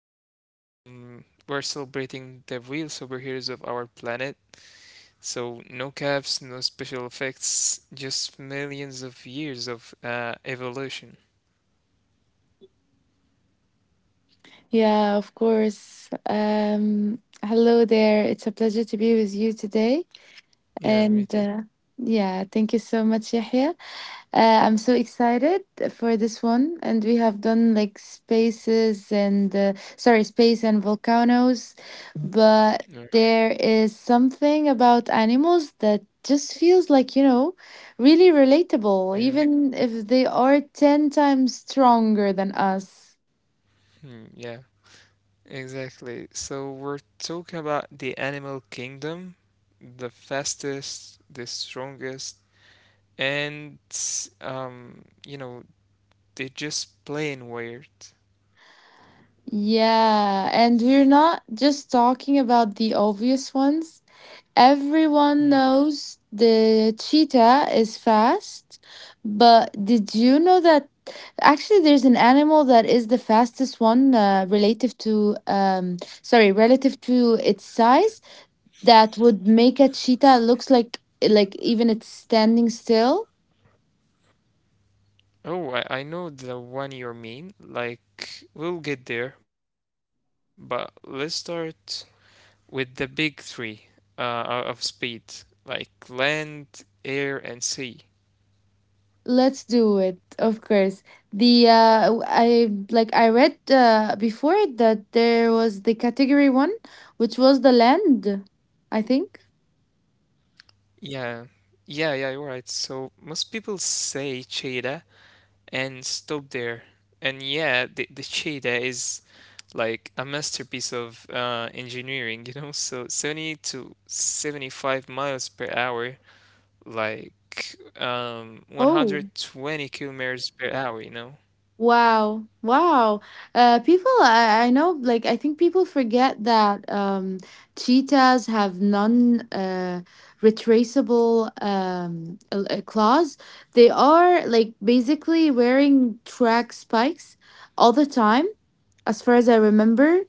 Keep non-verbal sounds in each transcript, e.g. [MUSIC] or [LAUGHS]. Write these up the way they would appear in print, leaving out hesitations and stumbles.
Today, we're celebrating the real superheroes of our planet. So, no caps, no special effects, just millions of years of evolution. Yeah, of course. Hello there. It's a pleasure to be with you today. Yeah, me too. And Yeah, thank you so much, Yahya. I'm so excited for this one. And we have done like spaces and space and volcanoes. But Right. there is something about animals that just feels really relatable, Yeah. even if they are 10 times stronger than us. Hmm, yeah, exactly. So, we're talking about the animal kingdom, the fastest, the strongest, and um, you know, they just plain weird. Yeah, and we're not just talking about the obvious ones. Hmm. Everyone knows the cheetah is fast, but did you know that actually there's an animal that is the fastest one relative to relative to its size that would make a cheetah looks like even it's standing still? Oh, I know the one you mean. Like, we'll get there, but let's start with the big three of speed, like land, air, and sea. Let's do it, of course. The I like I read before that there was the category one, which was the land, I think. Yeah, yeah, yeah, you're right. So, most people say cheetah and stop there. And yeah, the cheetah is like a masterpiece of engineering, [LAUGHS] you know? So, 70 to 75 miles per hour, like Oh, 120 kilometers per hour, you know? wow, wow. People, I know, like I think people forget that cheetahs have non retraceable claws. They are like basically wearing track spikes all the time as far as I remember.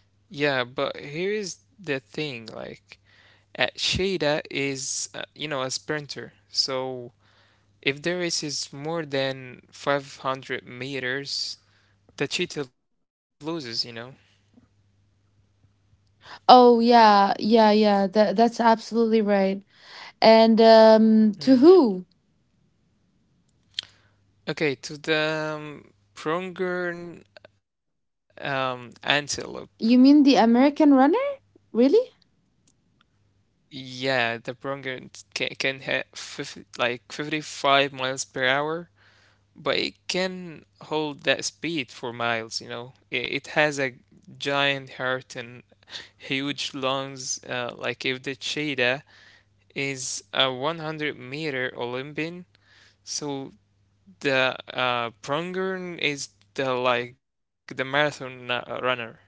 Yeah, but here is the thing, like at Shida is a sprinter. So if the race is more than 500 meters, the cheetah loses, you know? Oh yeah, yeah, yeah. That's absolutely right. And to Hmm. who? Okay, to the prongern antelope. You mean the American runner? Really? Yeah, the prongern can have 50, like 55 miles per hour. But it can hold that speed for miles, you know. It has a giant heart and huge lungs. Like if the cheetah is a 100 meter Olympian, so the prongern is the like the marathon runner, you know.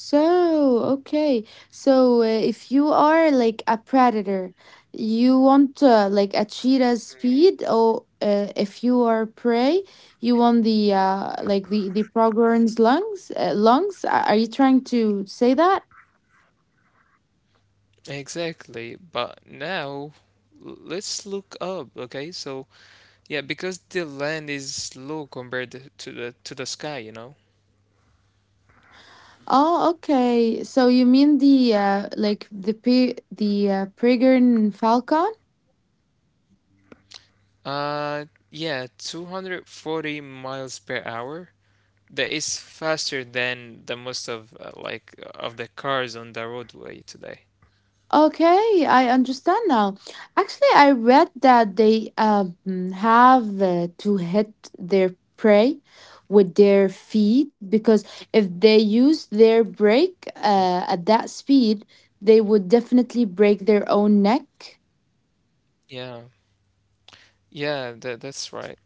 So, okay. So, if you are like a predator, you want like a cheetah's speed, or if you are prey, you want the the pronghorn's lungs. Lungs? Are you trying to say that? Exactly, but now let's look up, okay? So yeah, because the land is low compared to the sky, you know. Oh, okay. So you mean the like the P the Peregrine Falcon? Yeah, 240 miles per hour. That is faster than the most of like of the cars on the roadway today. Okay, I understand now. Actually, I read that they have to hit their prey with their feet because if they use their Mm. brake at that speed, they would definitely break their own neck. Yeah, yeah, that's right.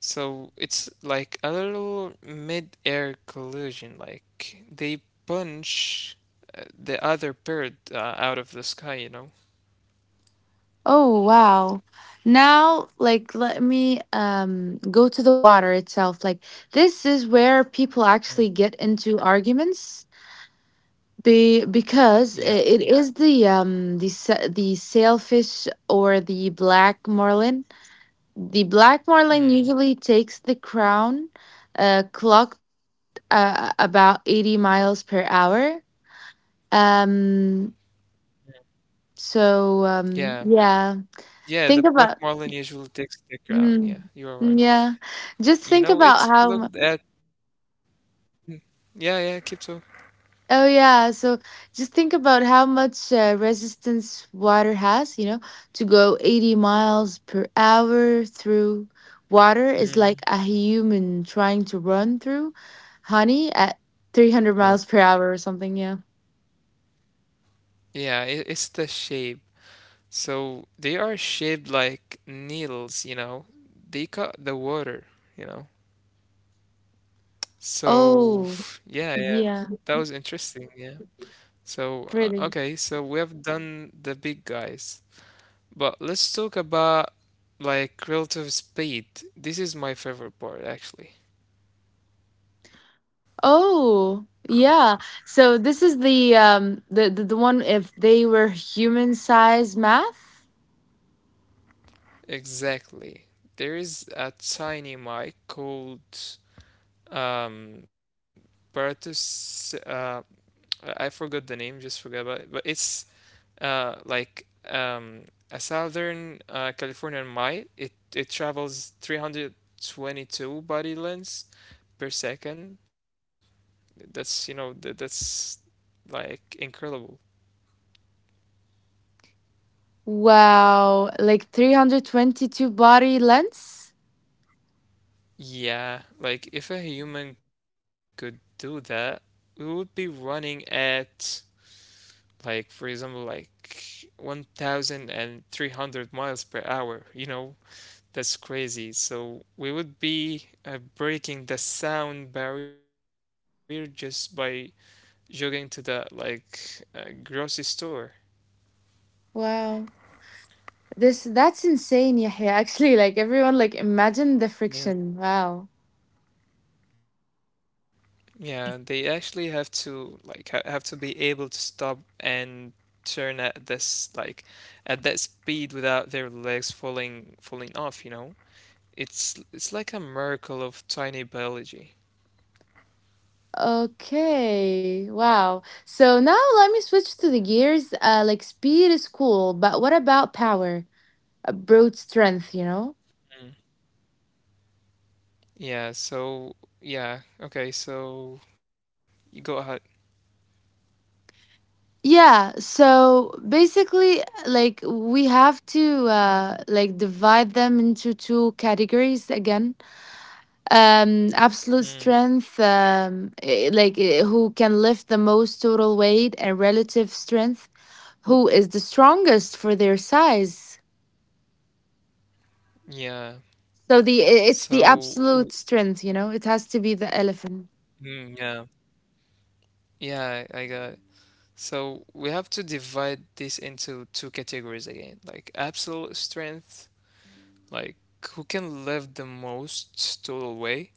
So it's like a little mid-air collision. Like they punch the other bird out of the sky, you know? Oh wow. Now like let me go to the water itself. Like this is where people actually Mm. get into arguments be because I- Yeah. it is the sailfish or the black marlin. The black marlin Mm. usually takes the crown clocked about 80 miles per hour. Um so Yeah. yeah, Yeah, the think black about marlin usually takes the crown. Yeah, you are Mm-hmm. Mm, right. yeah. Just You think know, about it's how, mu- looked at. Mm. Yeah, yeah, Kipto. oh, yeah. So just think about how much resistance water has, you know, to go 80 miles per hour through water is Mm, like a human trying to run through honey at 300 yeah. miles per hour or something. Yeah. Yeah, it's the shape. So they are shaped like needles, you know. They cut the water, you know. So Oh, yeah, yeah, yeah. that was interesting. Yeah. So Pretty. okay, so we have done the big guys, but let's talk about like relative speed. This is my favorite part, actually. Oh, yeah. So this is the one if they were human size math. Exactly. There is a tiny mic called um Paratus, I forgot the name, just forgot about it, but it's like um a southern Californian mite. It travels 322 body lengths per second. That's, that's like incredible. Wow, like 322 body lengths? Yeah, like if a human could do that, we would be running at, like for example, like 1,300 miles per hour, you know. That's crazy. So we would be breaking the sound barrier just by jogging to the grocery store. Wow. This that's insane, Yahya. [LAUGHS] Actually, like everyone like imagine the friction. Yeah. Wow. Yeah, they actually have to like ha have to be able to stop and turn at this like at that speed without their legs falling off, you know? It's like a miracle of tiny biology. Okay. Wow. So now let me switch to the gears. Like speed is cool, but what about power? Brute strength, you know? Mm. Yeah, so yeah, okay, so you go ahead. Yeah, so basically like we have to divide them into two categories again. Absolute Mm. strength who can lift the most total weight and relative strength who is the strongest for their size Yeah. so it's the So, absolute strength you know it has to be the elephant Mm, yeah. Yeah, I got it. So we have to divide this into two categories again, like absolute strength, like who can lift the most total way,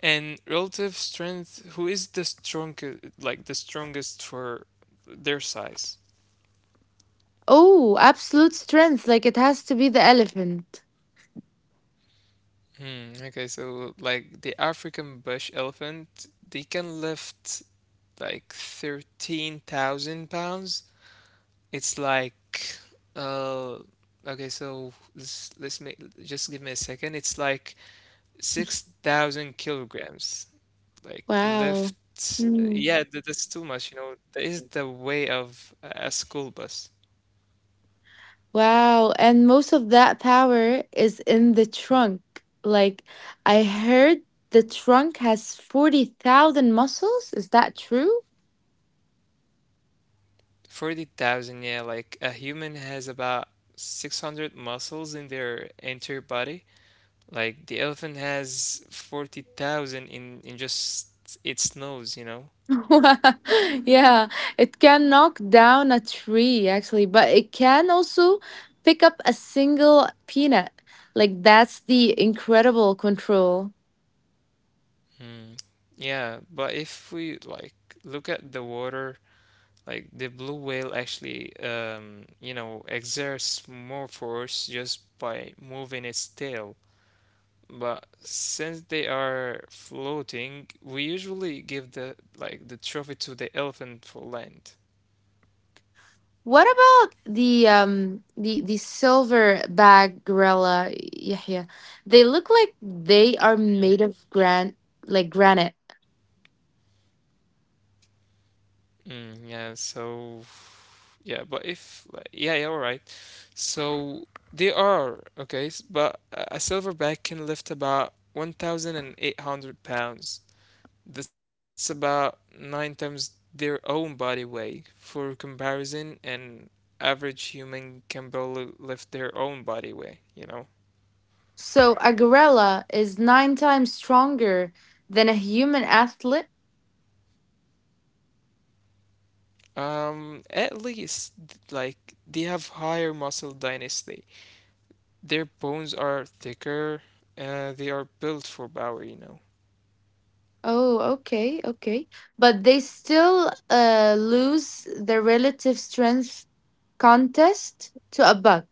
and relative strength, who is the strongest, like the strongest for their size. oh absolute strength like it has to be the elephant Hmm, okay, so like the African bush elephant, they can lift like 13,000 pounds. It's like. Uh, okay, so let's make, just give me a second. It's like 6,000 kilograms. Like lift, wow. Mm. yeah, that's too much. You know, that is the weight of a school bus. Wow, and most of that power is in the trunk like I heard the trunk has 40,000 muscles, is that true? 40,000, yeah. Like a human has about 600 muscles in their entire body. Like the elephant has 40,000 in just its nose. You know. [LAUGHS] Yeah, it can knock down a tree actually, but it can also pick up a single peanut. Like that's the incredible control. Hmm. Yeah, but if we like look at the water. Like the blue whale actually, exerts more force just by moving its tail. But since they are floating, we usually give the trophy to the elephant for land. What about the silver bag gorilla, Yahya? They look like they are made of granite. Mm, yeah, so yeah, but if like, yeah, yeah, all right. So they are okay, but a silverback can lift about 1,800 pounds. That's about nine times their own body weight. For comparison, an average human can barely lift their own body weight, you know? So a gorilla is nine times stronger than a human athlete. At least, like, they have higher muscle density. Their bones are thicker, they are built for power, you know? Oh, okay, okay. But they still lose the relative strength contest to a buck.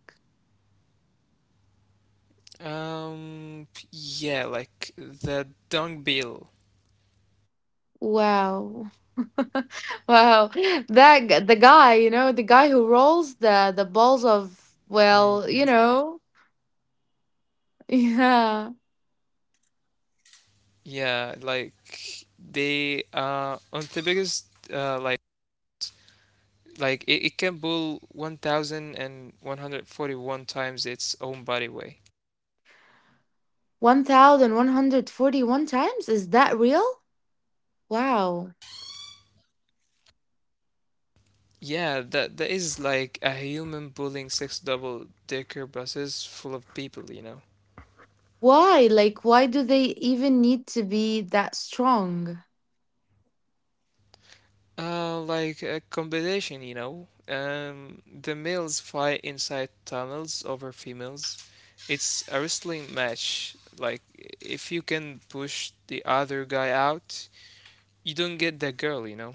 Yeah, like the dung beetle. Wow. [LAUGHS] Wow. The guy, you know, the guy who rolls the balls of Mm, yeah. well, you know. [LAUGHS] Yeah. Yeah, like they on the biggest like. Like it can pull 1,141 times its own body weight. 1,141 times? Is that real? Wow. Yeah, that is like a human pulling six double-decker buses full of people, you know. Why? Like why do they even need to be that strong? Like a competition, you know. The males fight inside tunnels over females. It's a wrestling match. Like if you can push the other guy out, you don't get the girl, you know.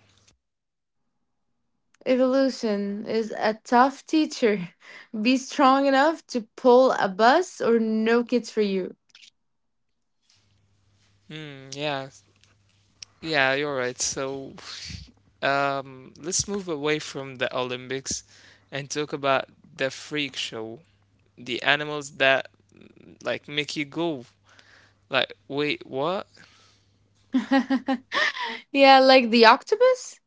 Evolution is a tough teacher. [LAUGHS] Be strong enough to pull a bus or no kids for you. Hmm. Yeah, yeah, you're right. So let's move away from the Olympics and talk about the freak show, the animals that like make you go like, wait, what? [LAUGHS] Yeah, like the octopus?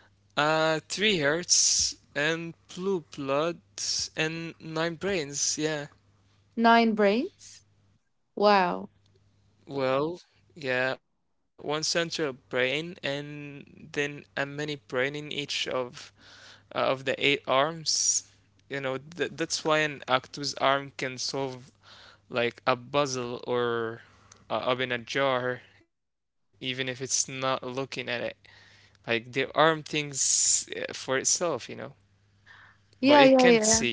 Three hearts and blue blood and nine brains. Yeah. Nine brains? Wow. Well, yeah, one central brain and then a mini brain in each of the eight arms. You know, th that's why an octopus arm can solve like a puzzle or up in a jar, even if it's not looking at it. Like the arm thinks for itself, you know, but it Yeah, can't yeah, see. yeah.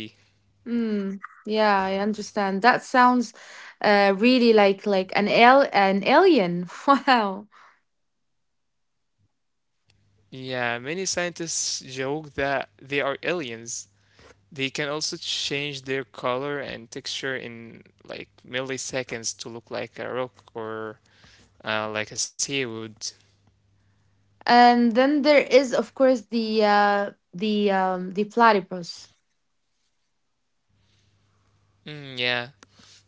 Mm. Yeah, I understand. That sounds really like an al- an alien. [LAUGHS] Wow. Yeah, many scientists joke that they are aliens. They can also change their color and texture in like milliseconds to look like a rock or like a seaweed. And then there is of course the platypus. Mm, yeah,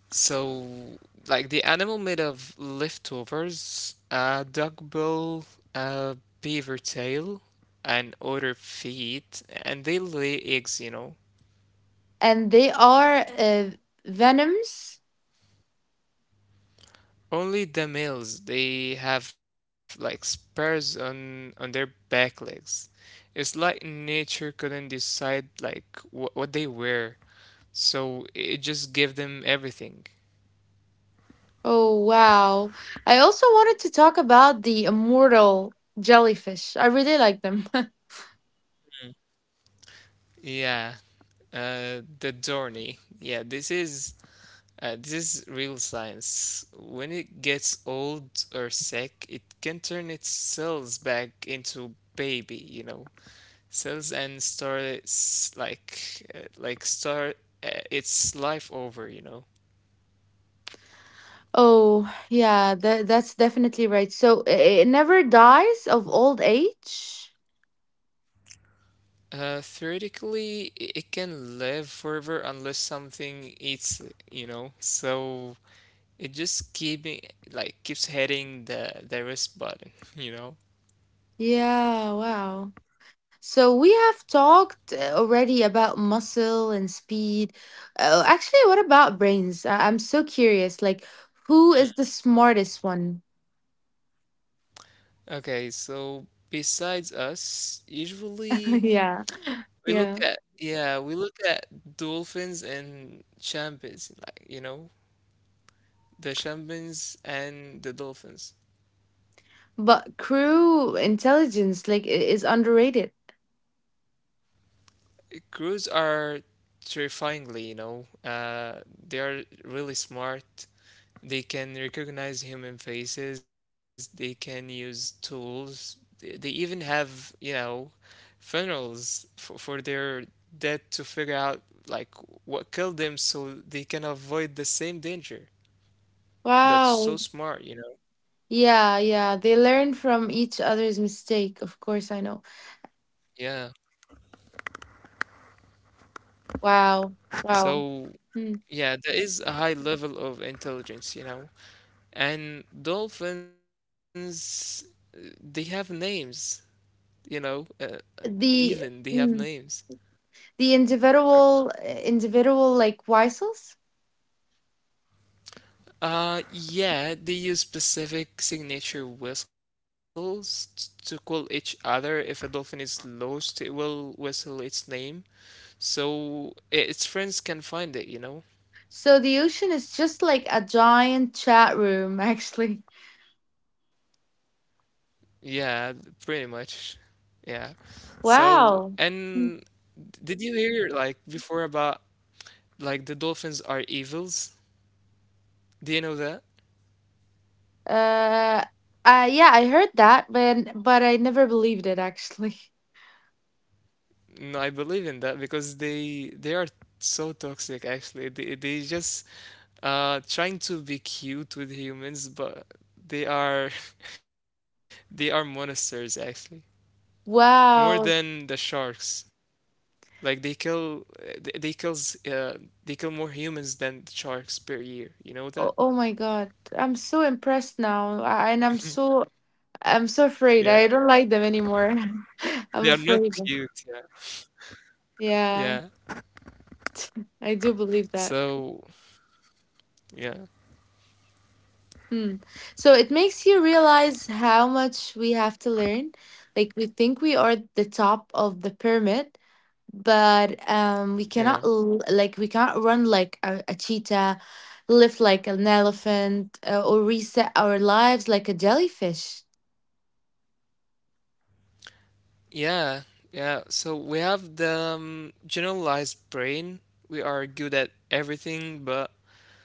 so, like the animal made of leftovers, a dog bill, a beaver tail, and other feet, and they lay eggs, you know. And they are venoms. Only the males, they have like spurs on their back legs. It's like nature couldn't decide like what they wear, so it just gave them everything. Oh, wow. I also wanted to talk about the immortal jellyfish. I really like them. [LAUGHS] Yeah, the Dorney. Yeah, this is. This is real science. When it gets old or sick, it can turn its cells back into baby, you know, cells and start its like start its life over, you know. Oh, yeah, that's definitely right. So it never dies of old age? Theoretically, it can live forever unless something eats it, you know. So it just keeps hitting the rest button, [LAUGHS] you know. Yeah, wow. So we have talked already about muscle and speed. Oh, actually, what about brains? I'm so curious. Like, who Mm. is the smartest one? Okay, so besides us, [LAUGHS] usually, Yeah, we look yeah. at, yeah, we look at dolphins and champions, like, the champions and the dolphins. But crew intelligence, is underrated. Crows are terrifyingly, they are really smart. They can recognize human faces. They can use tools. They even have, funerals for their dead to figure out like what killed them so they can avoid the same danger. That's so Wow. smart, you know. Yeah, yeah. They learn from each other's mistake. Of course, I know. Yeah. Wow. Wow. So, Hmm. yeah, there is a high level of intelligence, you know. And dolphins, they have names, you know, even they have The names. mm, the individual like whistles. Yeah, they use specific signature whistles to call each other. If a dolphin is lost, it will whistle its name, so its friends can find it, you know. So the ocean is just like a giant chat room, [LAUGHS] actually. Yeah, pretty much. Yeah. So, and Wow. Mm. did you hear like before about like the dolphins are evils? Do you know that? Uh, yeah, I heard that, but I never believed it actually. [LAUGHS] No, I believe in that because they are so toxic actually. They just trying to be cute with humans, but they are [LAUGHS] they are monsters actually. More than the Wow. sharks. Like they kill they kills they kill more humans than sharks per year. You know that? Oh, oh my God. I'm so impressed now, and Yeah, I'm so afraid. I don't like them anymore. they are not [LAUGHS] I'm cute. afraid. Yeah, yeah. Yeah, I do believe that. So yeah, Hmm. So it makes you realize how much we have to learn. Like we think we are the top of the pyramid, but we yeah, cannot l- like we can't run like a cheetah, lift like an elephant, or reset our lives like a jellyfish. yeah, yeah. So we have the generalized brain. We are good at everything, but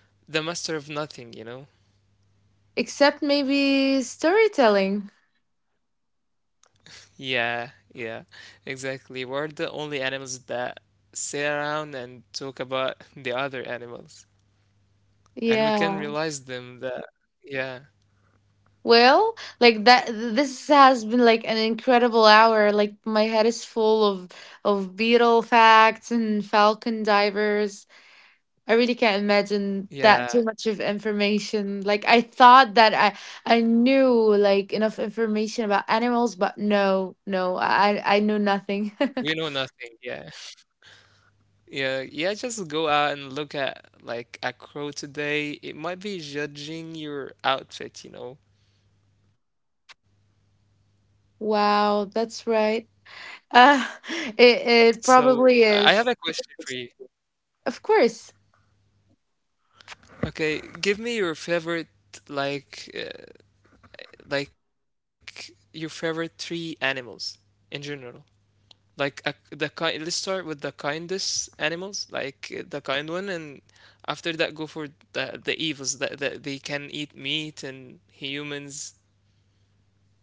the master of nothing. You know. Except maybe storytelling. Yeah, yeah, exactly. We're the only animals that sit around and talk about [LAUGHS] the other animals, and we can Yeah. realize them that. Yeah, Well, like that this has been like an incredible hour. Like my head is full of beetle facts and falcon divers. I really can't imagine that too yeah. much of information. Like I thought that I knew like enough information about animals, but no, no, I knew nothing. We know [LAUGHS] nothing. Yeah. Yeah, yeah, just go out and look at like a crow today. It might be judging your outfit, you know. Wow, that's right. Uh [LAUGHS] it it So probably I have a is. question for you. Of course. Okay, give me your favorite, like uh, your favorite three animals in general. Like the kind. Let's start with the kindest animals, like the kind one, and after that go for the evils that they can eat meat and humans.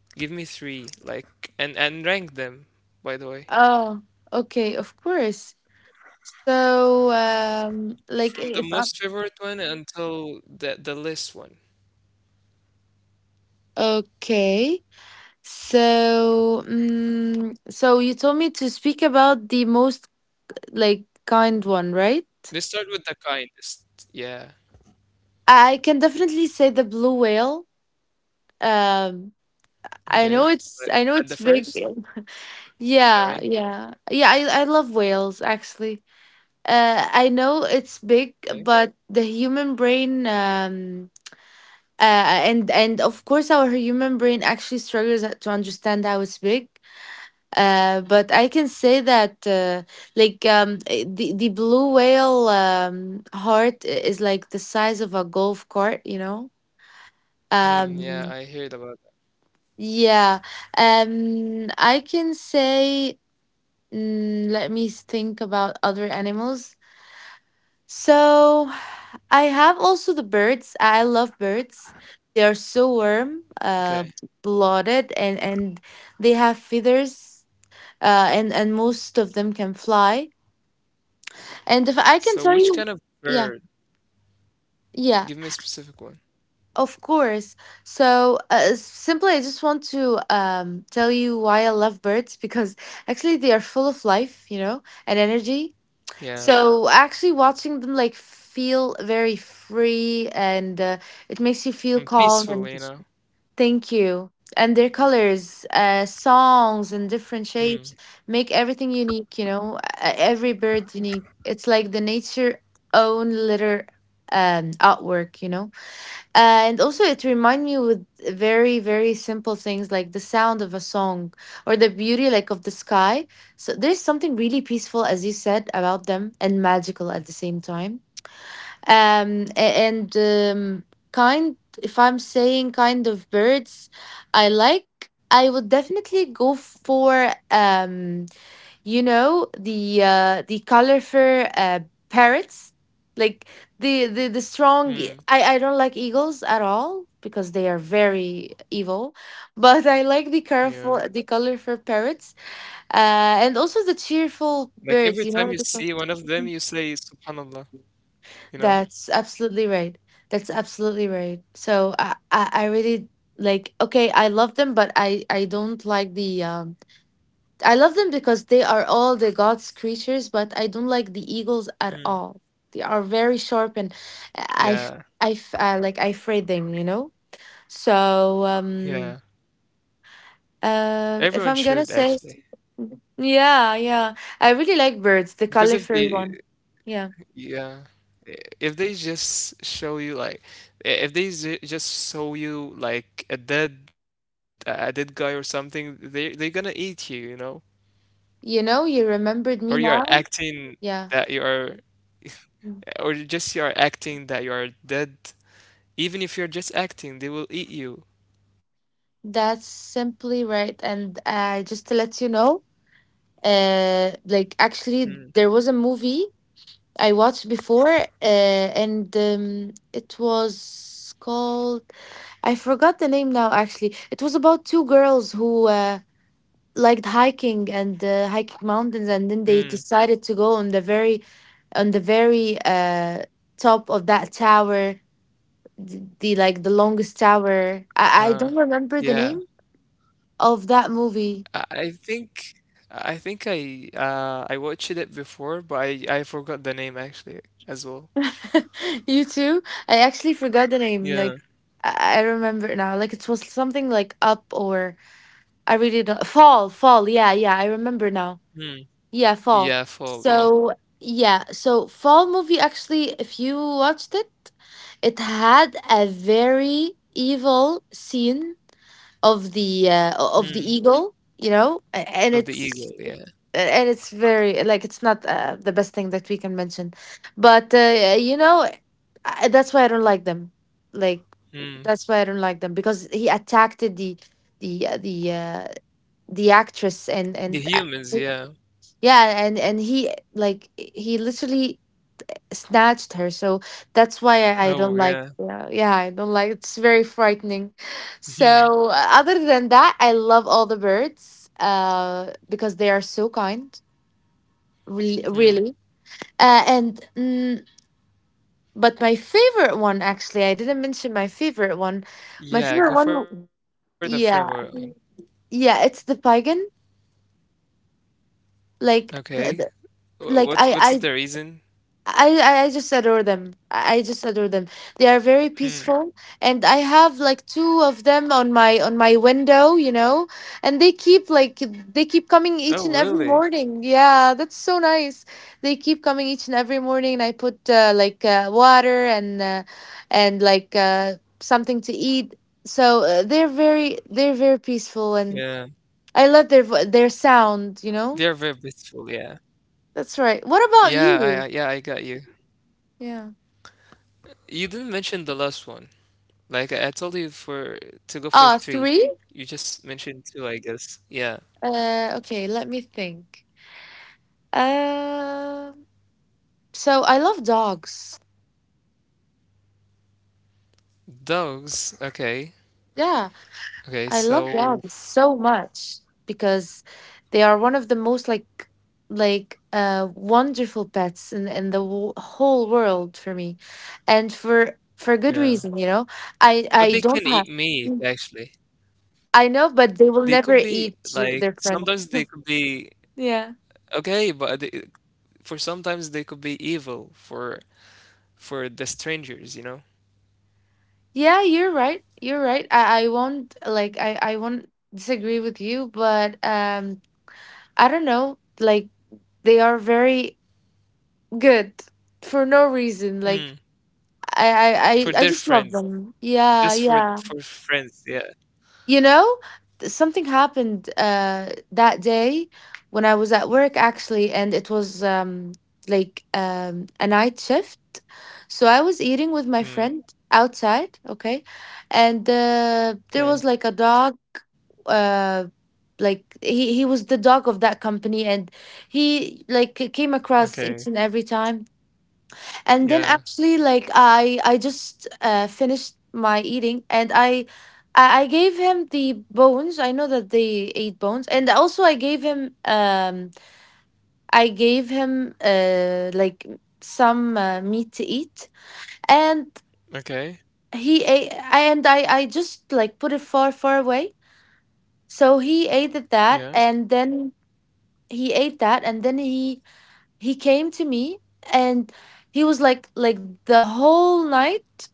Give me three, like, and rank them, by the way, Oh, okay, of course. So, like from the if I most favorite one until the least one. okay. So, mm, so you told me to speak about the most like kind one, right? Let's start with the kindest. Yeah. I can definitely say the blue whale. Um, Okay. Like, at the I know first it's big. of the [LAUGHS] ranking. Yeah, yeah, yeah. I love whales actually. I know it's big, Okay. but the human brain and of course our human brain actually struggles to understand how it's big but I can say that the blue whale heart is like the size of a golf cart, you know. Hmm, yeah, Um, I heard about yeah I can say mm, Let me think about other animals. So I have also the birds. I love birds. They are so warm, that. Okay. blooded, and they have feathers. And most of them can fly. And if I can tell So you, which kind of yeah, bird? yeah, Give me a specific one. of course. So simply, I just want to tell you why I love birds because actually they are full of life, you know, and energy. Yeah. So actually watching them like feel very free and it makes you feel And calm and peaceful, you know. thank you. And their colors, songs and different Hmm. shapes make everything unique, you know, every bird unique. It's like the nature own litter artwork, you know. And also, it reminds me with very, very simple things like the sound of a song or the beauty, like of the sky. So there's something really peaceful, as you said, about them and magical at the same time a- and kind. If I'm saying kind of birds I like, I would definitely go for you know the colorful parrots like the strong Hmm. I don't like eagles at all because they are very evil, but I Yeah. like the colorful parrots and also the Like cheerful every time you birds, you see know. one The of them, you say, Subhanallah, you know? that's absolutely right. That's absolutely right. So I really okay, I love them, but I don't like the I love them because they are all the God's creatures, but I don't like the eagles Mm. at all. They are very sharp and I Yeah. f- I f- like I afraid them, you know? So Yeah. Everyone if I'm should gonna say actually. yeah, yeah. I really like birds, the Because if colorful the, one. Yeah. yeah, if they just show you like, if they just show you like a dead guy or something, they're gonna eat you, you know? You know, you Or you remembered are me now? acting that Yeah. you are, [LAUGHS] or you are acting that you are dead. Even if you're just acting, they will eat you. That's simply right. And just to let you know, like Mm. actually, there was a movie I watched before, and it was called, I forgot the name now actually. It was about two girls who liked hiking and hiking mountains, and then they Mm. decided to go on on the very top of that tower, the longest tower. I Uh, don't remember the yeah. name of that movie. I I think I think, I watched it before, but I forgot the name actually as well. [LAUGHS] You too? I actually forgot the name. Like Yeah. I remember now. Like it was something like up or I really don't fall. Yeah, yeah, I remember now. Yeah, fall. Yeah, fall, yeah. So yeah, so fall movie actually if you watched it, it had a very evil scene of the of the Hmm. eagle, and Of the it's eagle, yeah. and it's very like it's not the best thing that we can mention but that's why I don't like them, like that's why I don't like Hmm. them because he attacked the the actress and The humans, yeah. yeah and he like he literally snatched her, so I don't like, Oh, yeah, yeah. I don't like, it's very frightening. So Hmm. Other than that I love all the birds because they are so kind. Really. Hmm. uh, and mm, but my favorite one, actually I didn't mention my favorite one. my favorite one Yeah, go w- for the favorite one. yeah, yeah, it's the pagan, like Okay. the Wh- What like what's the I reason? I just adore them. I just adore them. They are very Hmm. peaceful, and I have like two of them on my window, you know, and they Oh, keep coming really? each and every morning. Yeah, that's so nice. They keep coming each and every morning, and I put water and something to eat. So they're very Yeah. peaceful, and I love their They are very sound. You know, beautiful, yeah. that's right. Yeah, What about yeah, I got you? you. Yeah. You didn't mention the last one. Like I told you for to go for Ah, three. three? You just mentioned two, I guess. Yeah. Okay, let me think. Um, so I love dogs. Dogs, okay. Yeah, Okay, I love so dogs so much because they are one of the most wonderful pets in whole world for me, and for good reason. You yeah. know, I don't But they have. can eat Mm, meat, actually. I know, but They they could will never be, eat like, your- their sometimes friend. they could be Yeah. okay, but for sometimes they could be evil for the strangers, you know? Yeah, you're right. You're right. I won't like, I won't disagree with you, but um, I don't know, like they are very good for no reason. Mm, I I I for just their love friends, them. Yeah, just for yeah. for friends, yeah. You know, something happened that day when I was at work actually, and it was a night shift. So I was eating with my friend Mm, outside, okay? And there was okay, like a dog, uh he was the dog of that company, and he like came across okay, each and every time, and then yeah, actually like I just finished my eating, and I gave him the bones, I know that they ate bones, and also I gave him, um, I gave him like some meat to eat, and okay, he ate, and I just like put it far far away, so he ate at that, yeah. and then he ate that, and then he came to me, and he was the whole night,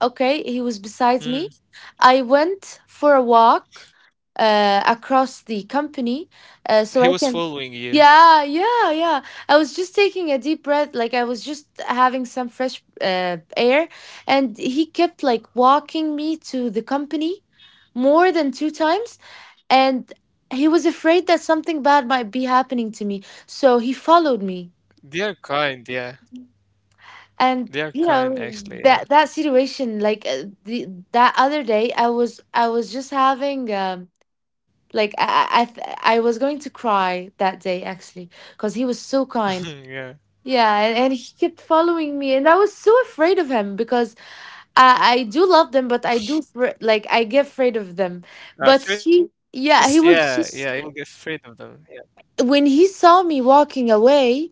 okay, he was beside me. Mm. I went for a walk across the company He was so I can. following you. Yeah, yeah, yeah. I was just taking a deep breath, like I was just having some fresh air, and he kept like walking me to the company more than two times, and he was afraid that something bad might be happening to me, so he followed me, They are kind, yeah. and They are you kind, know actually, that yeah. that situation, like the that other day I was just having, um, like I was going to cry that day actually because he was so [LAUGHS] kind. Yeah. Yeah and he kept following me, and I was so afraid of him, because I do love them, but like I get afraid of them, At but he, first, yeah, yeah, he yeah, he will was get afraid just, of them. Yeah, when he saw me walking away,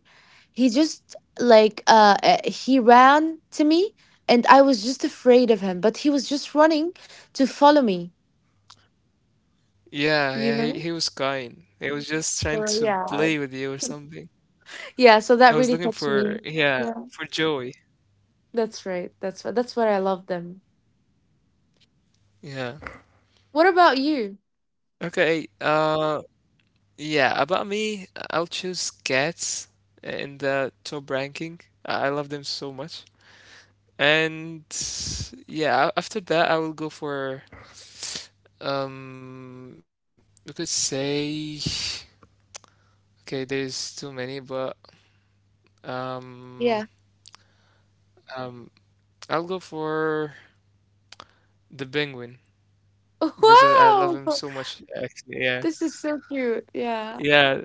he just like he ran to me, and I was just afraid of him, but he was just running to follow me, yeah, you yeah. He, know, he was kind. He was just trying so to yeah play with you or something. yeah, so I that was really looking touched me. for, yeah, Yeah, for Joey. that's right, that's what I love them. Yeah. What about you? Okay. Yeah, about me, I'll choose cats in the top ranking. I love them so much. And yeah, after that I will go for um you could say, okay, there's too many, but um Yeah. um I'll go for the penguin [LAUGHS] because I love wow, him so much actually. Yeah. this is so cute. Yeah. Yeah,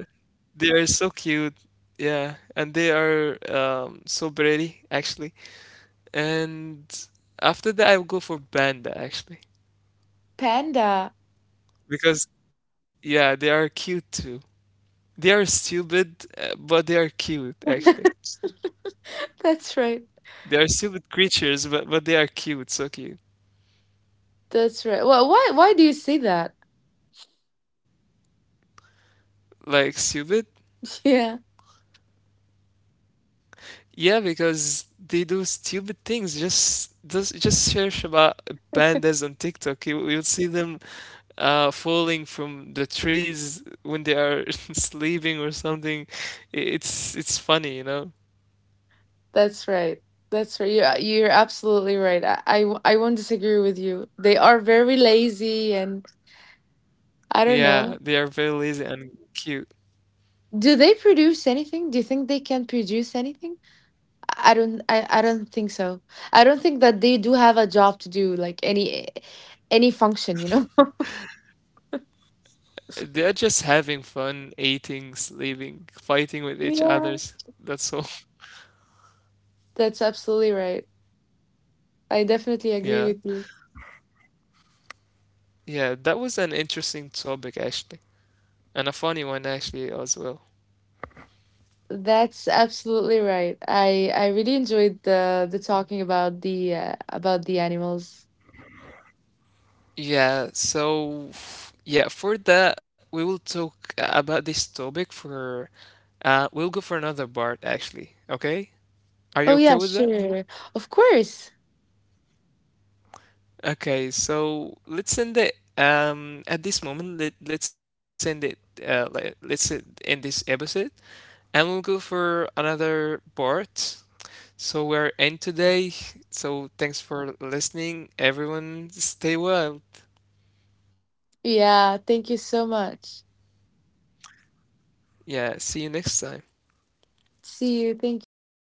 they are so cute. Yeah, and they are so pretty actually. And after that, I will go for panda actually Panda. because yeah, they are cute too. They are stupid, but they are cute [LAUGHS] actually. that's right. They are stupid creatures, but they are cute, so cute. That's right. Well, why do you say that? Like stupid? [LAUGHS] yeah. Yeah, because they do stupid things. Just search about pandas on TikTok. You'll see them falling from the trees when they are [LAUGHS] sleeping or something. It's funny, you know? That's right. That's right. You're absolutely right. I won't disagree with you. They are very lazy, and I don't Yeah, know. they are very lazy and cute. Do they produce anything? Do you think they can produce anything? I don't think so. I don't think that they do have a job to do, like any function, you know? [LAUGHS] They are just having fun, eating, sleeping, fighting with each Yeah. others. That's all. [LAUGHS] That's absolutely right. I definitely agree Yeah. with you. Yeah, that was an interesting topic actually, and a funny one actually as well. That's absolutely right. I really enjoyed the talking about the animals. Yeah, so yeah, for that we will talk about this topic for we'll go for another part actually, okay? Are you Oh, okay yeah, with that? sure. Of course. Okay, so let's end it. At this moment, let's end it. Let's end this episode, and we'll go for another part. So we're end today. So thanks for listening, everyone. Stay wild. Yeah, thank you so much. Yeah, see you next time. See you. Thank you.